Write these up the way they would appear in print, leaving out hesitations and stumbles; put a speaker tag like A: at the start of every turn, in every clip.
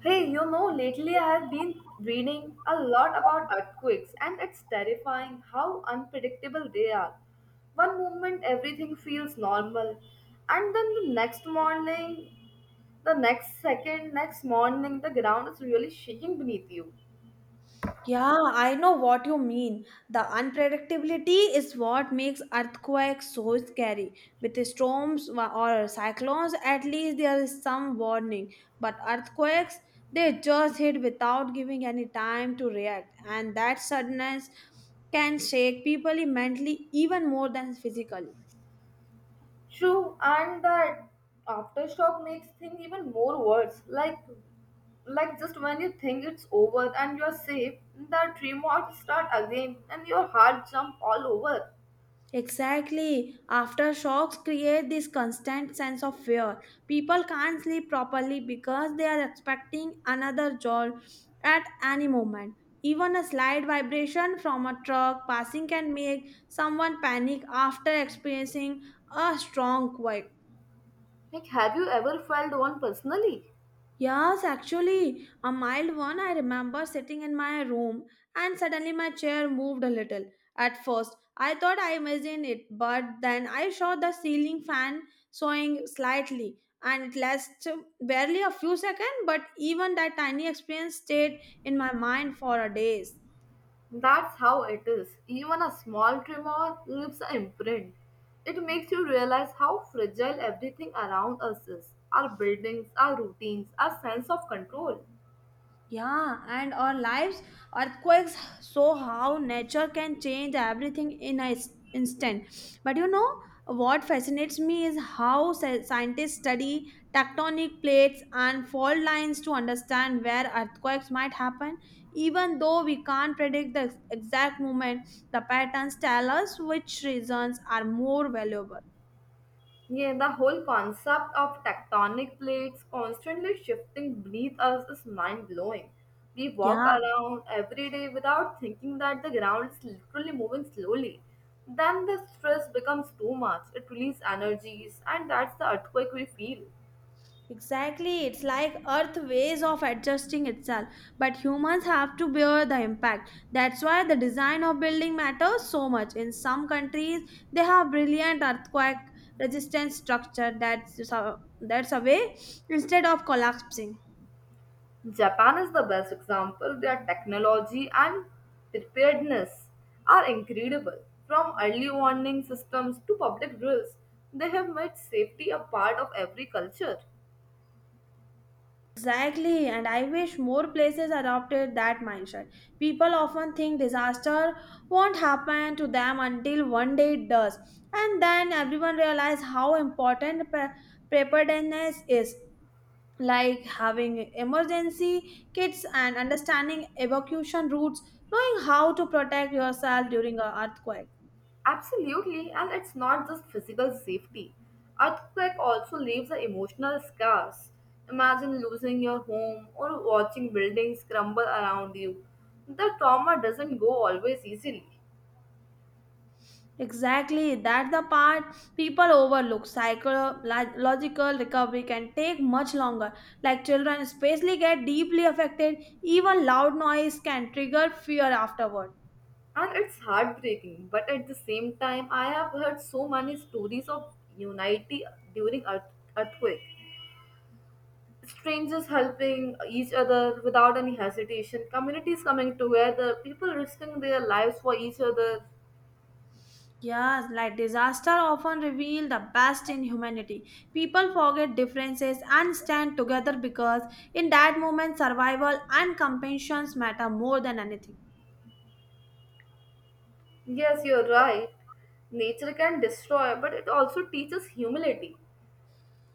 A: Hey, you know, lately I have been reading a lot about earthquakes, and it's terrifying how unpredictable they are. One moment everything feels normal, and then the next morning, the next second, next morning, the ground is really shaking beneath you.
B: Yeah, I know what you mean. The unpredictability is what makes earthquakes so scary. With storms or cyclones, at least there is some warning. But earthquakes, they just hit without giving any time to react, and that suddenness can shake people mentally even more than physically.
A: True, and that aftershock makes things even more worse. Like, just when you think it's over and you're safe, the tremors start again, and your heart jump all over.
B: Exactly. Aftershocks create this constant sense of fear. People can't sleep properly because they are expecting another jolt at any moment. Even a slight vibration from a truck passing can make someone panic after experiencing a strong quake.
A: Like, have you ever felt one personally?
B: Yes, actually, a mild one. I remember sitting in my room and suddenly my chair moved a little. At first, I thought I imagined it, but then I saw the ceiling fan swaying slightly, and it lasted barely a few seconds, but even that tiny experience stayed in my mind for a days.
A: That's how it is. Even a small tremor leaves an imprint. It makes you realize how fragile everything around us is our buildings, our routines, our sense of control.
B: Yeah, and our lives, earthquakes show how nature can change everything in an instant. But what fascinates me is how scientists study tectonic plates and fault lines to understand where earthquakes might happen. Even though we can't predict the exact moment, the patterns tell us which reasons are more valuable.
A: Yeah, the whole concept of tectonic plates constantly shifting beneath us is mind blowing. We walk
B: Yeah,
A: around every day without thinking that the ground is literally moving slowly. Then the stress becomes too much, it releases energies, and that's the earthquake we feel.
B: exactly, it's like Earth ways of adjusting itself, but humans have to bear the impact. That's why the design of building matters so much. In some countries, they have brilliant earthquake resistant structure that's away instead of collapsing.
A: Japan is the best example. Their technology and preparedness are incredible. From early warning systems to public drills, they have made safety a part of every culture.
B: Exactly, and I wish more places adopted that mindset. People often think disaster won't happen to them until one day it does, and then everyone realizes how important preparedness is, like having emergency kits and understanding evacuation routes, knowing how to protect yourself during an earthquake.
A: Absolutely, and it's not just physical safety. Earthquake also leaves a emotional scars. Imagine losing your home or watching buildings crumble around you. The trauma doesn't go always easily.
B: Exactly, that's the part people overlook. Psychological recovery can take much longer. Like children, especially, get deeply affected. Even loud noise can trigger fear afterward.
A: And it's heartbreaking, but at the same time, I have heard so many stories of unity during earthquake. Strangers helping each other without any hesitation, communities coming together, people risking their lives for each other.
B: Yes, like disaster often reveal the best in humanity. People forget differences and stand together because in that moment, survival and compassion matter more than anything.
A: Yes, you're right. Nature can destroy, but it also teaches humility,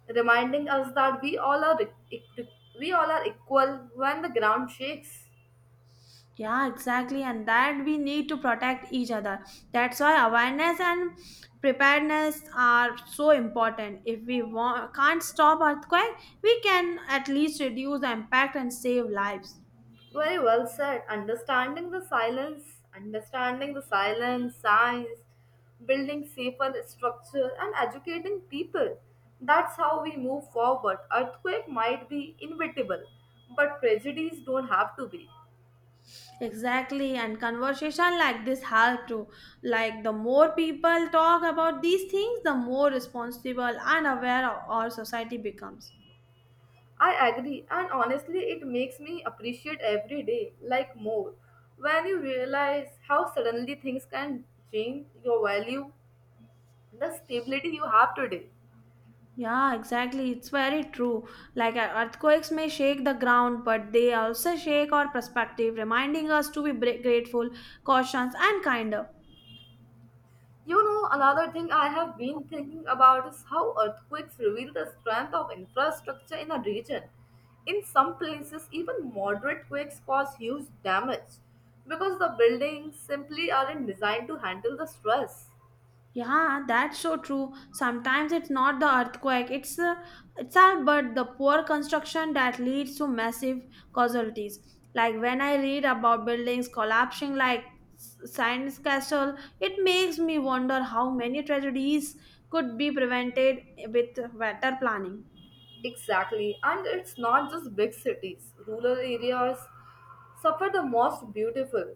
A: reminding us that e- e- we all are equal when the ground shakes.
B: Yeah, exactly. And that we need to protect each other. That's why awareness and preparedness are so important. If we want, can't stop earthquake, we can at least reduce the impact and save lives.
A: Very well said. Understanding the silence, science, building safer structure, and educating people. That's how we move forward. Earthquake might be inevitable, but tragedies don't have to be.
B: Exactly. And conversation like this help to, like, the more people talk about these things, the more responsible and aware our society becomes.
A: I agree, and honestly, it makes me appreciate every day like more when you realize how suddenly things can change your value, the stability you have today.
B: Yeah, exactly. It's very true. Like earthquakes may shake the ground, but they also shake our perspective, reminding us to be grateful, cautious, and kinder.
A: You know, another thing I have been thinking about is how earthquakes reveal the strength of infrastructure in a region. In some places, even moderate quakes cause huge damage because the buildings simply aren't designed to handle the stress.
B: Yeah, that's so true. Sometimes it's not the earthquake; it's all but the poor construction that leads to massive casualties. Like when I read about buildings collapsing, like Science Castle, it makes me wonder how many tragedies could be prevented with better planning.
A: Exactly, and it's not just big cities. Rural areas suffer the most beautiful.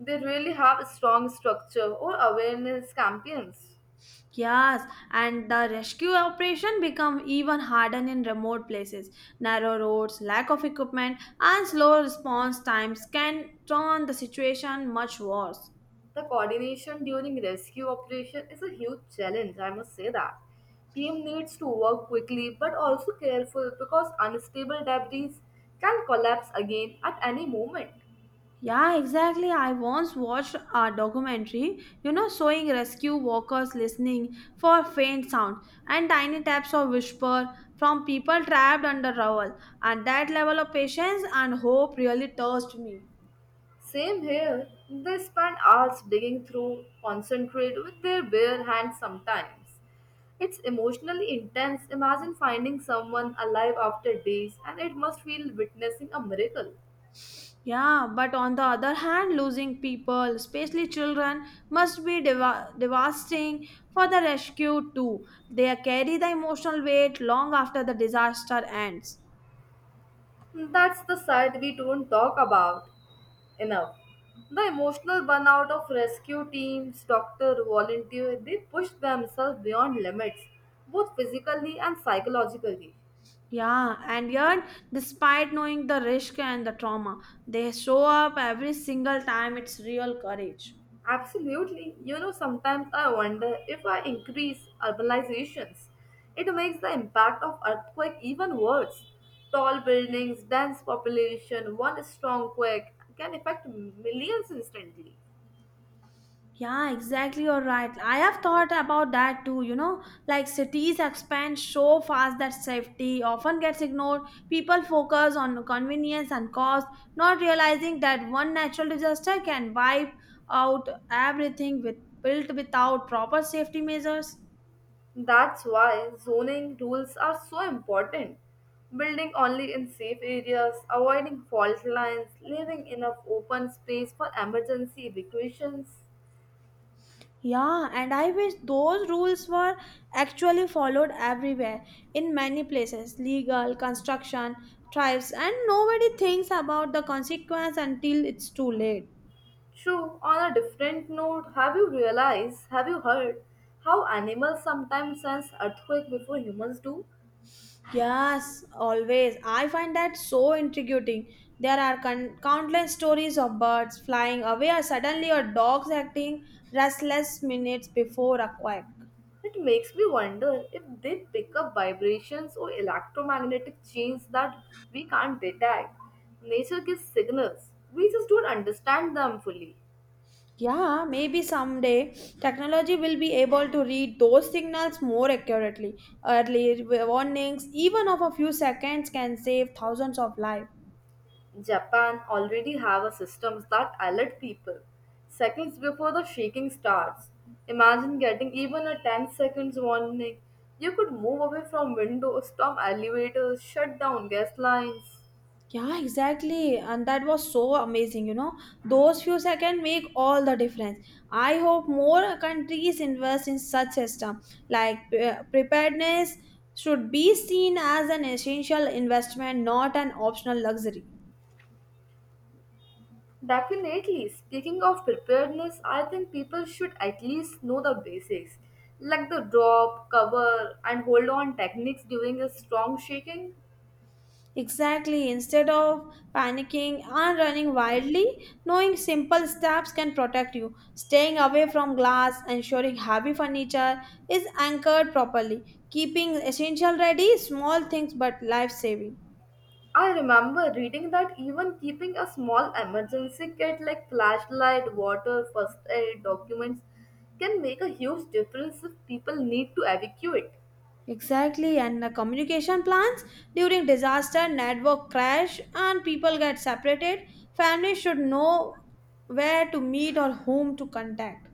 A: They really have strong structure or awareness campaigns.
B: Yes, and the rescue operation become even harder in remote places. Narrow roads, lack of equipment, and slow response times can turn the situation much worse.
A: The coordination during rescue operation is a huge challenge, I must say that. Team needs to work quickly but also careful because unstable debris can collapse again at any moment.
B: Yeah, exactly. I once watched a documentary, showing rescue workers listening for faint sound and tiny taps or whisper from people trapped under rubble. And that level of patience and hope really touched me.
A: Same here. They spend hours digging through concentrate with their bare hands sometimes. It's emotionally intense. Imagine finding someone alive after days, and it must feel witnessing a miracle.
B: Yeah, but on the other hand, losing people, especially children, must be devastating for the rescue too. They carry the emotional weight long after the disaster ends.
A: That's the side we don't talk about enough. The emotional burnout of rescue teams, doctor, volunteer, they push themselves beyond limits, both physically and psychologically.
B: Yeah, and yet, despite knowing the risk and the trauma, they show up every single time. It's real courage.
A: Absolutely. You know, sometimes I wonder if I increase urbanizations, it makes the impact of earthquake even worse. Tall buildings, dense population, one strong quake can affect millions instantly.
B: Yeah, exactly. You're right. I have thought about that too. Like cities expand so fast that safety often gets ignored. People focus on convenience and cost, not realizing that one natural disaster can wipe out everything with built without proper safety measures.
A: That's why zoning rules are so important. Building only in safe areas, avoiding fault lines, leaving enough open space for emergency evacuations.
B: Yeah, and I wish those rules were actually followed everywhere in many places legal, construction, tribes, and nobody thinks about the consequence until it's too late.
A: True, on a different note, have you heard how animals sometimes sense earthquake before humans do?
B: Yes, always. I find that so intriguing. There are countless stories of birds flying away or suddenly or dogs acting restless minutes before a quack.
A: It makes me wonder if they pick up vibrations or electromagnetic chains that we can't detect. Nature gives signals, we just don't understand them fully.
B: Yeah, maybe someday technology will be able to read those signals more accurately. Early warnings, even of a few seconds, can save thousands of lives.
A: Japan already have a system that alert people seconds before the shaking starts. Imagine getting even a 10 seconds warning. You could move away from windows, stop elevators, shut down gas lines.
B: Yeah, exactly. And that was so amazing. Those few seconds make all the difference. I hope more countries invest in such system. Like preparedness should be seen as an essential investment, not an optional luxury.
A: Definitely, speaking of preparedness, I think people should at least know the basics like the drop, cover, and hold on techniques during a strong shaking.
B: Exactly. Instead of panicking and running wildly, knowing simple steps can protect you. Staying away from glass, ensuring heavy furniture is anchored properly, keeping essential ready, small things but life saving.
A: I remember reading that even keeping a small emergency kit like flashlight, water, first aid, documents can make a huge difference if people need to evacuate.
B: Exactly, and the communication plans during disaster, network crash, and people get separated. Families should know where to meet or whom to contact.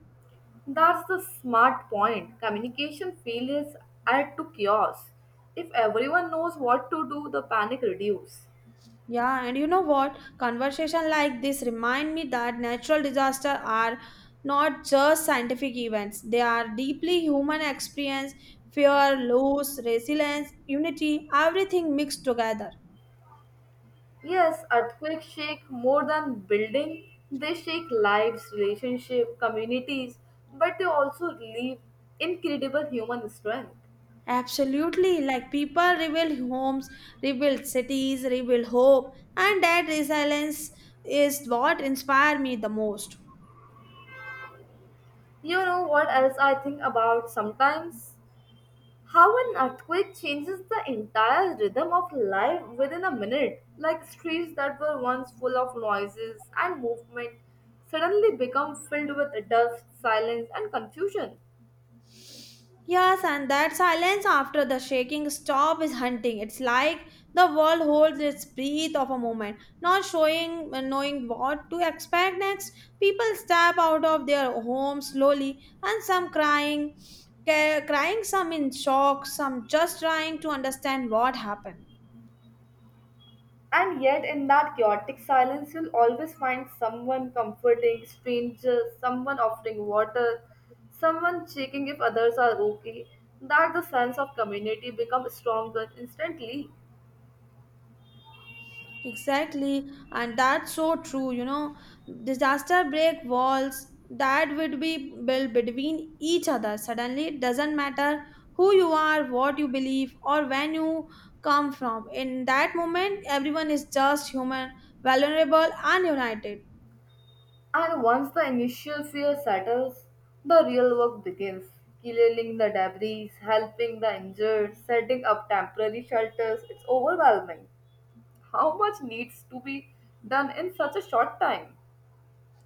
A: That's the smart point. Communication failures add to chaos. If everyone knows what to do, the panic reduces.
B: Yeah, and you know what? Conversation like this remind me that natural disaster are not just scientific events. They are deeply human experience, fear, loss, resilience, unity, everything mixed together.
A: Yes, earthquakes shake more than building. They shake lives, relationships, communities, but they also relieve incredible human strength.
B: Absolutely, like people rebuild homes, rebuild cities, rebuild hope, and that resilience is what inspired me the most.
A: You know what else I think about sometimes? How an earthquake changes the entire rhythm of life within a minute. Like streets that were once full of noises and movement suddenly become filled with dust, silence, and confusion.
B: Yes, and that silence after the shaking stop is hunting. It's like the world holds its breath of a moment, not showing knowing what to expect next. People step out of their homes slowly, and some crying, crying, some in shock, some just trying to understand what happened.
A: And yet, in that chaotic silence, you'll always find someone comforting strangers, someone offering water, someone checking if others are okay. That the sense of community becomes stronger instantly.
B: Exactly, and that's so true. Disaster break walls that would be built between each other. Suddenly, it doesn't matter who you are, what you believe, or when you come from. In that moment, everyone is just human, vulnerable, and united.
A: And once the initial fear settles, the real work begins. Clearing the debris, helping the injured, setting up temporary shelters. It's overwhelming. How much needs to be done in such a short time?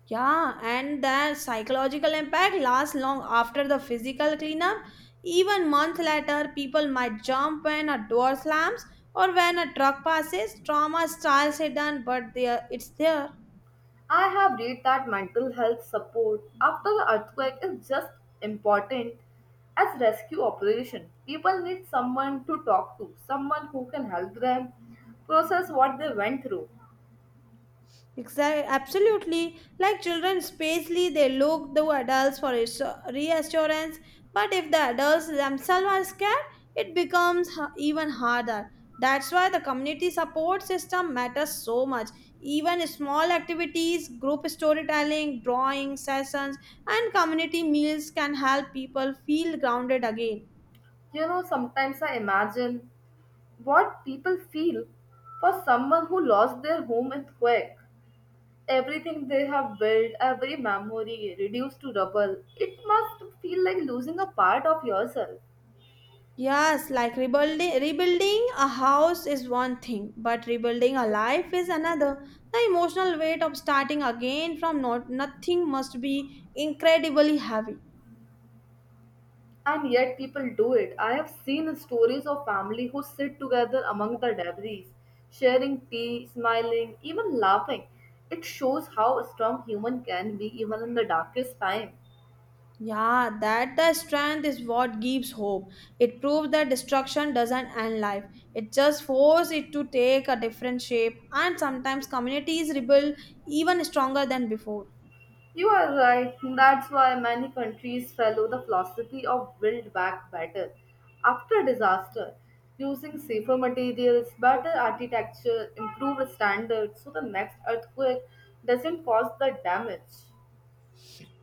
B: Yeah, and the psychological impact lasts long after the physical cleanup. Even month later, people might jump when a door slams or when a truck passes. Trauma styles hidden, but there it's there.
A: I have read that mental health support after the earthquake is just important as rescue operation. People need someone to talk to, someone who can help them process what they went through.
B: Exactly, absolutely. Like children, spacely they look to adults for reassurance. But if the adults themselves are scared, it becomes even harder. That's why the community support system matters so much. Even small activities, group storytelling, drawing sessions, and community meals can help people feel grounded again.
A: You know, sometimes I imagine what people feel for someone who lost their home in quake everything they have built every memory reduced to rubble it must feel like losing a part of yourself
B: Yes, like rebuilding a house is one thing, but rebuilding a life is another. The emotional weight of starting again from not nothing must be incredibly heavy.
A: and yet people do it I have seen stories of family who sit together among the debris sharing tea smiling even laughing it shows how strong human can be even in the darkest time.
B: Yeah, that the strength is what gives hope. It proves that destruction doesn't end life. It just forces it to take a different shape, and sometimes communities rebuild even stronger than before.
A: You are right. That's why many countries follow the philosophy of build back better after disaster, using safer materials, better architecture, improved standards so the next earthquake doesn't cause the damage.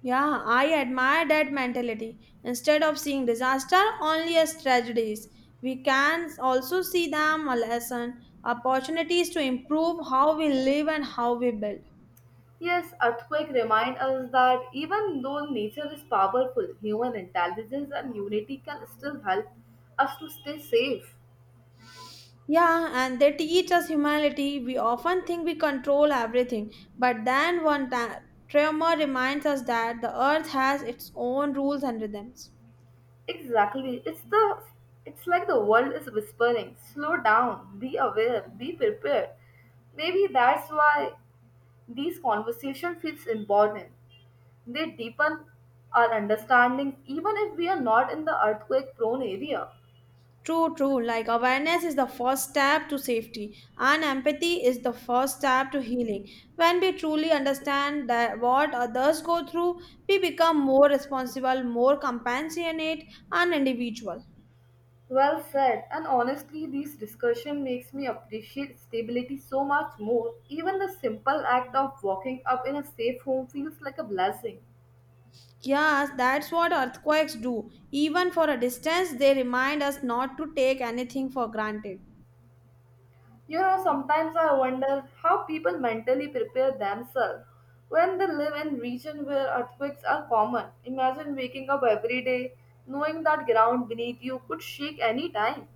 B: Yeah, I admire that mentality. Instead of seeing disaster only as tragedies, we can also see them a lesson, opportunities to improve how we live and how we build.
A: Yes, earthquake remind us that even though nature is powerful, human intelligence and unity can still help us to stay safe.
B: Yeah, and they teach us humility. We often think we control everything, but then one tremor reminds us that the earth has its own rules and rhythms.
A: Exactly. It's like the world is whispering, slow down, be aware, be prepared. Maybe that's why these conversation feels important. They deepen our understanding even if we are not in the earthquake prone area.
B: True, true. Like awareness is the first step to safety, and empathy is the first step to healing. When we truly understand that what others go through, we become more responsible, more compassionate, and individual.
A: Well said. And honestly, these discussion makes me appreciate stability so much more. Even the simple act of walking up in a safe home feels like a blessing.
B: Yes, that's what earthquakes do. Even for a distance, they remind us not to take anything for granted.
A: You know, sometimes I wonder how people mentally prepare themselves when they live in regions where earthquakes are common. Imagine waking up every day knowing that ground beneath you could shake any time.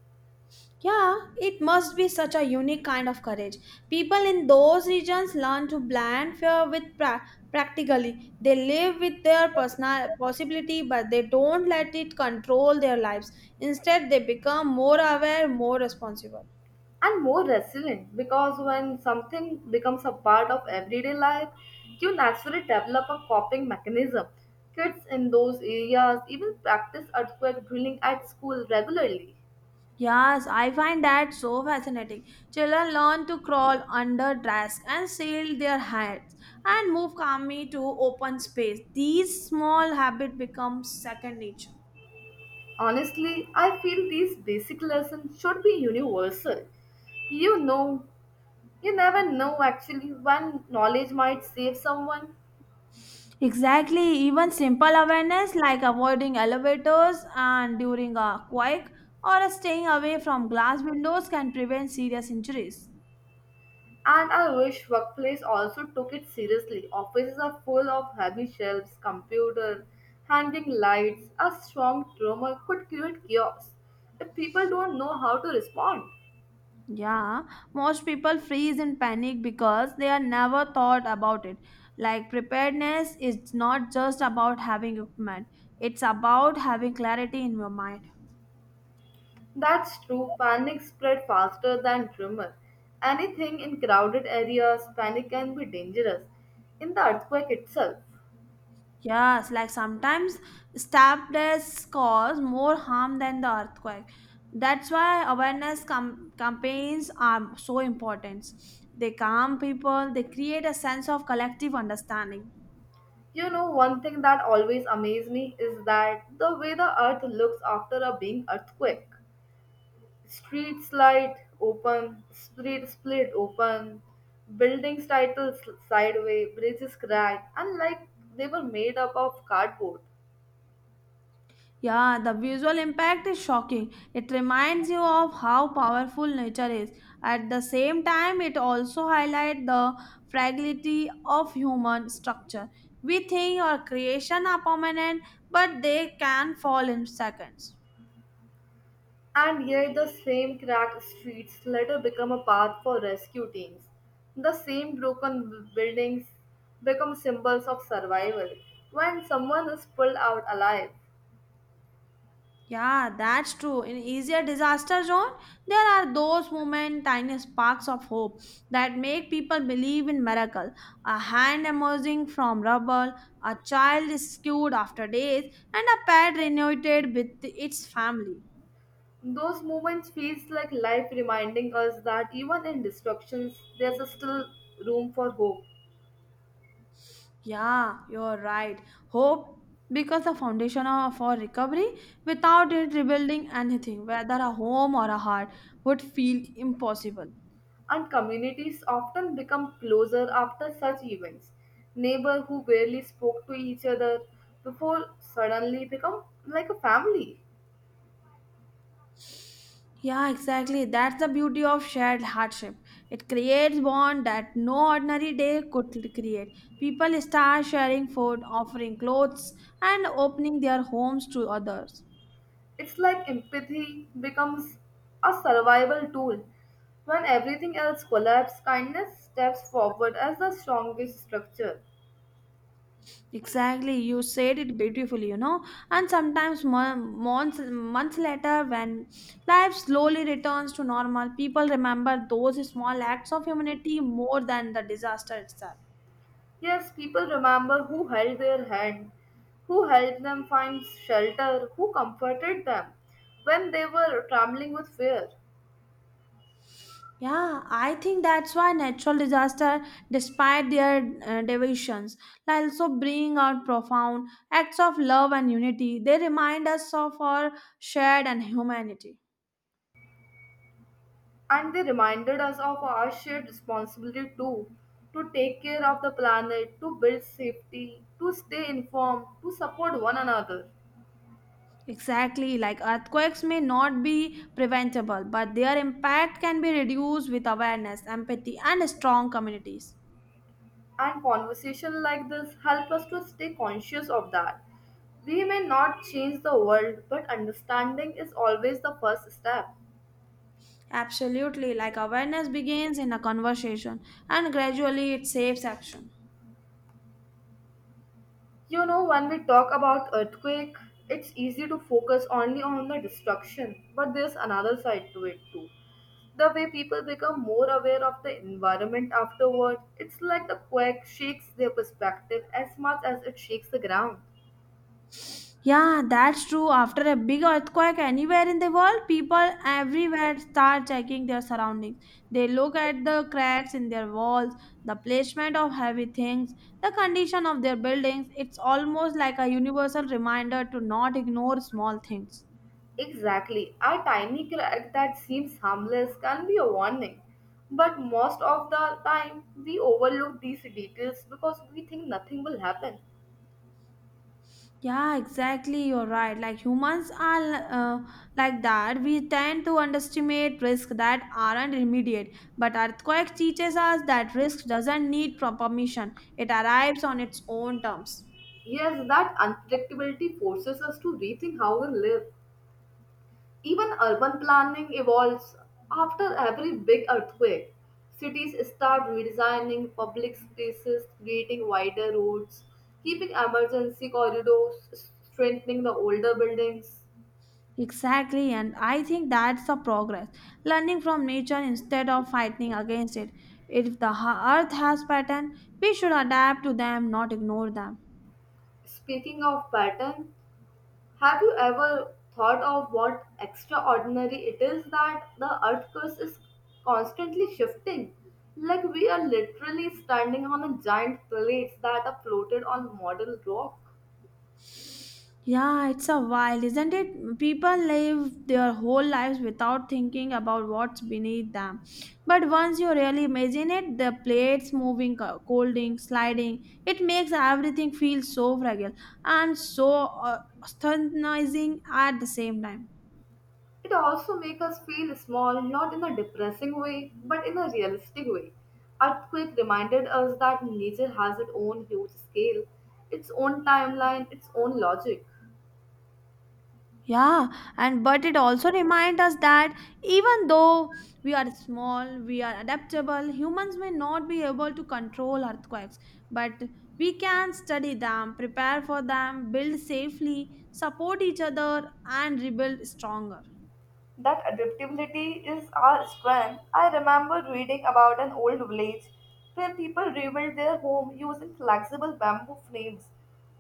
B: Yeah, it must be such a unique kind of courage. People in those regions learn to blend fear with practically. They live with their personal possibility, but they don't let it control their lives. Instead, they become more aware, more responsible.
A: And more resilient because when something becomes a part of everyday life, you naturally develop a coping mechanism. Kids in those areas even practice earthquake drilling at school regularly.
B: Yes, I find that so fascinating. Children learn to crawl under desks and shield their hands and move calmly to open space. These small habits become second nature.
A: Honestly, I feel these basic lessons should be universal. You know, you never know actually when knowledge might save someone.
B: Exactly, even simple awareness like avoiding elevators and during a quake or staying away from glass windows can prevent serious injuries.
A: And I wish workplace also took it seriously. Offices are full of heavy shelves, computer, hanging lights. A strong tremor could create chaos if people don't know how to respond.
B: Yeah, most people freeze in panic because they are never thought about it. Like preparedness is not just about having equipment, it's about having clarity in your mind.
A: That's true, panic spread faster than tremor. Anything in crowded areas, panic can be dangerous. In the earthquake itself,
B: Yes, like sometimes stabbed deaths cause more harm than the earthquake. That's why awareness campaigns are so important. They calm people, they create a sense of collective understanding.
A: you know, one thing that always amazed me is that the way the earth looks after a being earthquake. Street split open, buildings title sideways, bridges cracked, and like they were made up of cardboard.
B: Yeah, the visual impact is shocking. It reminds you of how powerful nature is. At the same time, it also highlights the fragility of human structure. We think our creation are permanent, but they can fall in seconds.
A: And yet, the same cracked streets later become a path for rescue teams. The same buildings become symbols of survival. When someone is pulled out alive,
B: Yeah, that's true. In easier disaster zone, there are those moments, tiny sparks of hope that make people believe in miracle. A hand emerging from rubble, a child rescued after days, and a pet reunited with its family.
A: those moments feels like life reminding us that even in destructions, there's still room for hope.
B: Yeah, you're right. Hope because the foundation of, for recovery. Without it, rebuilding anything, whether a home or a heart, would feel impossible.
A: And communities often become closer after such events. Neighbor who barely spoke to each other before suddenly become like a family.
B: Yeah, exactly. That's the beauty of shared hardship. It creates bond that no ordinary day could create. People start sharing food, offering clothes, and opening their homes to others.
A: It's like empathy becomes a survival tool. When everything else collapses, kindness steps forward as the strongest structure.
B: Exactly, you said it beautifully. And sometimes months later, when life slowly returns to normal, people remember those small acts of humanity more than the disaster itself.
A: Yes, people remember who held their hand, who helped them find shelter, who comforted them when they were trembling with fear.
B: Yeah, I think that's why natural disaster, despite their deviations, like also bring out profound acts of love and unity. They remind us of our shared and humanity.
A: And they reminded us of our shared responsibility too to take care of the planet, to build safety, to stay informed, to support one another.
B: Exactly, like earthquakes may not be preventable, but their impact can be reduced with awareness, empathy, and strong communities.
A: And conversation like this help us to stay conscious of that. We may not change the world, but understanding is always the first step.
B: Absolutely, like awareness begins in a conversation and gradually it saves action.
A: You know, when we talk about earthquake, it's easy to focus only on the destruction, but there's another side to it too. The way people become more aware of the environment afterward, it's like the quake shakes their perspective as much as it shakes the ground.
B: Yeah, that's true. After a big earthquake anywhere in the world, people everywhere start checking their surroundings. They look at the cracks in their walls, the placement of heavy things, the condition of their buildings. It's almost like a universal reminder to not ignore small things.
A: Exactly. A tiny crack that seems harmless can be a warning. But most of the time, we overlook these details because we think nothing will happen.
B: Yeah, exactly. You're right. Like humans are uh, like that. We tend to underestimate risks that aren't immediate. But earthquake teaches us that risk doesn't need permission. It arrives on its own terms.
A: Yes, that unpredictability forces us to rethink how we live. Even urban planning evolves. After every big earthquake, cities start redesigning public spaces, creating wider roads, keeping emergency corridors, strengthening the older buildings.
B: Exactly, and I think that's the progress. Learning from nature instead of fighting against it. If the earth has pattern, we should adapt to them, not ignore them.
A: Speaking of pattern, have you ever thought of what extraordinary it is that the earth crust is constantly shifting? Like we are literally standing on a giant plates that are floated on model rock.
B: Yeah, it's a while, isn't it? People live their whole lives without thinking about what's beneath them. But once you really imagine it, the plates moving, colding, sliding, it makes everything feel so fragile and so uh, astonising at the same time.
A: It also makes us feel small, not in a depressing way, but in a realistic way. Earthquake reminded us that nature has its own huge scale, its own timeline, its own logic.
B: Yeah, and but it also reminds us that even though we are small, we are adaptable, humans may not be able to control earthquakes, but we can study them, prepare for them, build safely, support each other, and rebuild stronger.
A: That adaptability is our strength. I remember reading about an old village where people rebuilt their home using flexible bamboo frames.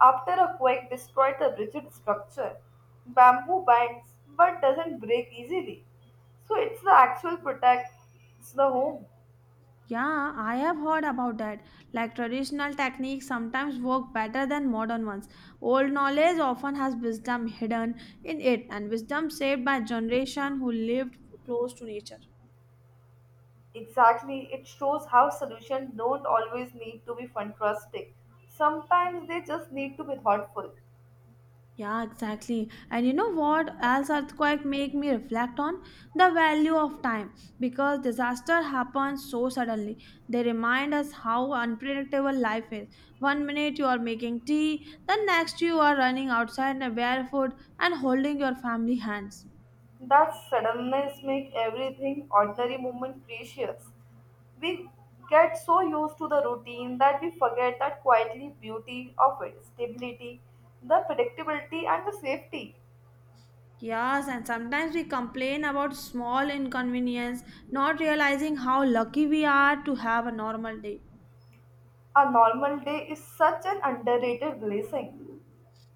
A: After a quake destroyed the rigid structure. Bamboo bends but doesn't break easily. So it's the actual protects the home.
B: Yeah, I have heard about that. Like traditional techniques sometimes work better than modern ones. Old knowledge often has wisdom hidden in it, and wisdom saved by generation who lived close to nature.
A: Exactly. It shows how solutions don't always need to be fantastic. Sometimes they just need to be thoughtful.
B: Yeah, exactly. And you know what else earthquake make me reflect on? The value of time. Because disaster happens so suddenly. They remind us how unpredictable life is. One minute you are making tea, the next you are running outside barefoot and holding your family hands.
A: That suddenness makes everything ordinary moment precious. We get so used to the routine that we forget that quietly beauty of it, stability, the predictability and the safety.
B: Yes, and sometimes we complain about small inconvenience, not realizing how lucky we are to have a normal day.
A: A normal day is such an underrated blessing.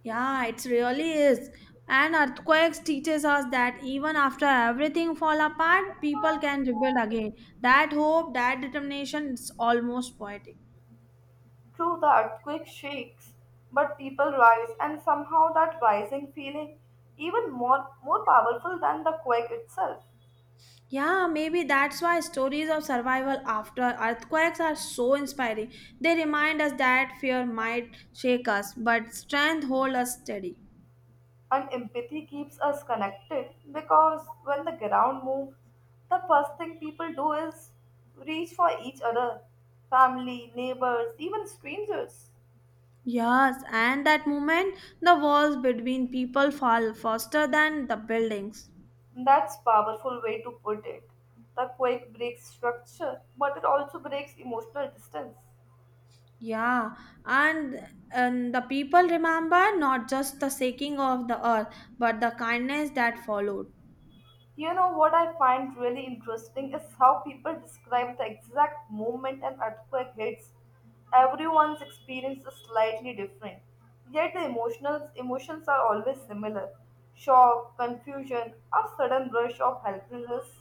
B: Yeah, it really is. And earthquakes teaches us that even after everything fall apart, people can rebuild again. That hope, that determination, it's almost poetic.
A: True, the earthquake shakes, but people rise, and somehow that rising feeling even more powerful than the quake itself.
B: Yeah, maybe that's why stories of survival after earthquakes are so inspiring. They remind us that fear might shake us, but strength hold us steady.
A: And empathy keeps us connected because when the ground moves, the first thing people do is reach for each other family, neighbors, even strangers.
B: Yes, and that moment, the walls between people fall faster than the buildings.
A: That's powerful way to put it. The quake breaks structure, but it also breaks emotional distance.
B: Yeah, and the people remember not just the shaking of the earth, but the kindness that followed.
A: You know what I find really interesting is how people describe the exact moment an earthquake hits. Everyone's experience is slightly different, yet the emotional emotions are always similar: shock, confusion, a sudden rush of helplessness.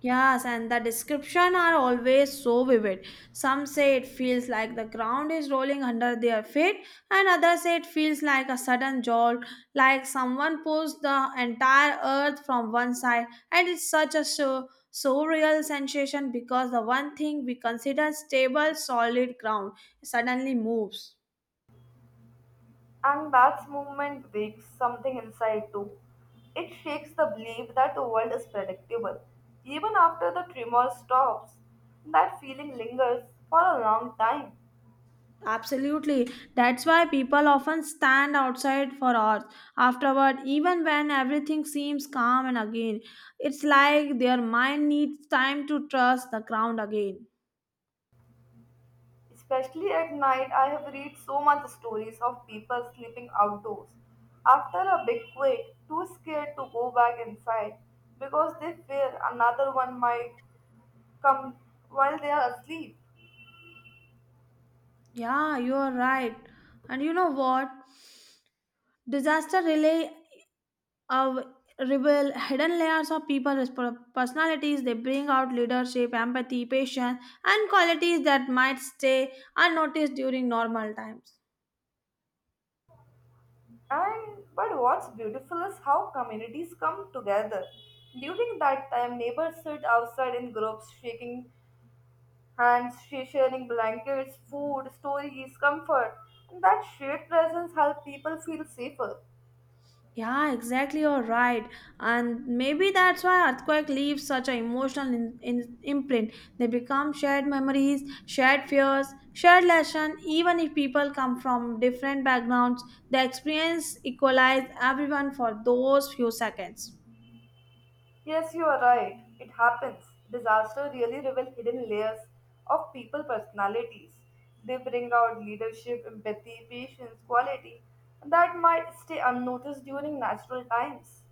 B: Yes, and the description are always so vivid. Some say it feels like the ground is rolling under their feet, and others say it feels like a sudden jolt, like someone pushed the entire earth from one side. And it's such a so surreal sensation because the one thing we consider stable, solid ground suddenly moves.
A: And that movement breaks something inside too. It shakes the belief that the world is predictable. Even after the tremor stops, that feeling lingers for a long time.
B: Absolutely. That's why people often stand outside for hours afterward, even when everything seems calm and again. It's like their mind needs time to trust the ground again.
A: Especially at night, I have read so much stories of people sleeping outdoors after a big quake, too scared to go back inside because they fear another one might come while they are asleep.
B: Yeah, you're right. And you know what? Disaster relay of reveal hidden layers of personalities. They bring out leadership, empathy, patience, and qualities that might stay unnoticed during normal times.
A: And but what's beautiful is how communities come together. During that time, neighbors sit outside in groups, sharing blankets, food, stories, comfort. And that shared presence helps people feel safer.
B: Yeah, exactly. You're right. And maybe that's why earthquake leaves such an emotional imprint. They become shared memories, shared fears, shared lesson. Even if people come from different backgrounds, the experience equalizes everyone for those few seconds.
A: Yes, you are right. It happens. Disaster really reveal hidden layers of people personalities. They bring out leadership, empathy, patience, quality that might stay unnoticed during natural times.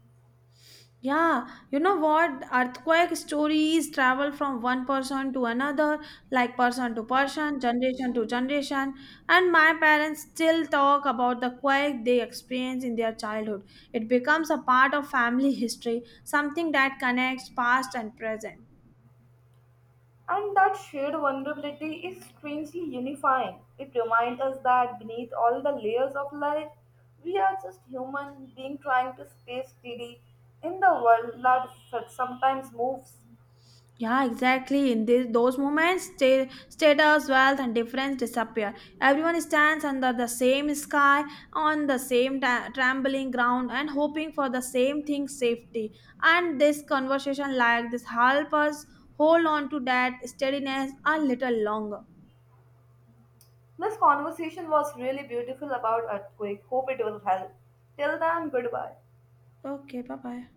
B: Yeah, you know what? Earthquake stories travel from one person to another, like person to person, generation to generation. And my parents still talk about the quake they experienced in their childhood. It becomes a part of family history, something that connects past and present.
A: And that shared vulnerability is strangely unifying. It reminds us that beneath all the layers of life, we are just human beings trying to stay steady in the world that sometimes moves.
B: Yeah, exactly. In this, those moments, status, wealth, and difference disappear. Everyone stands under the same sky, on the same trembling ground, and hoping for the same thing safety. And this conversation, like this, help us hold on to that steadiness a little longer.
A: This conversation was really beautiful about earthquake. Hope it will help. Till then, goodbye.
B: Okay, bye bye.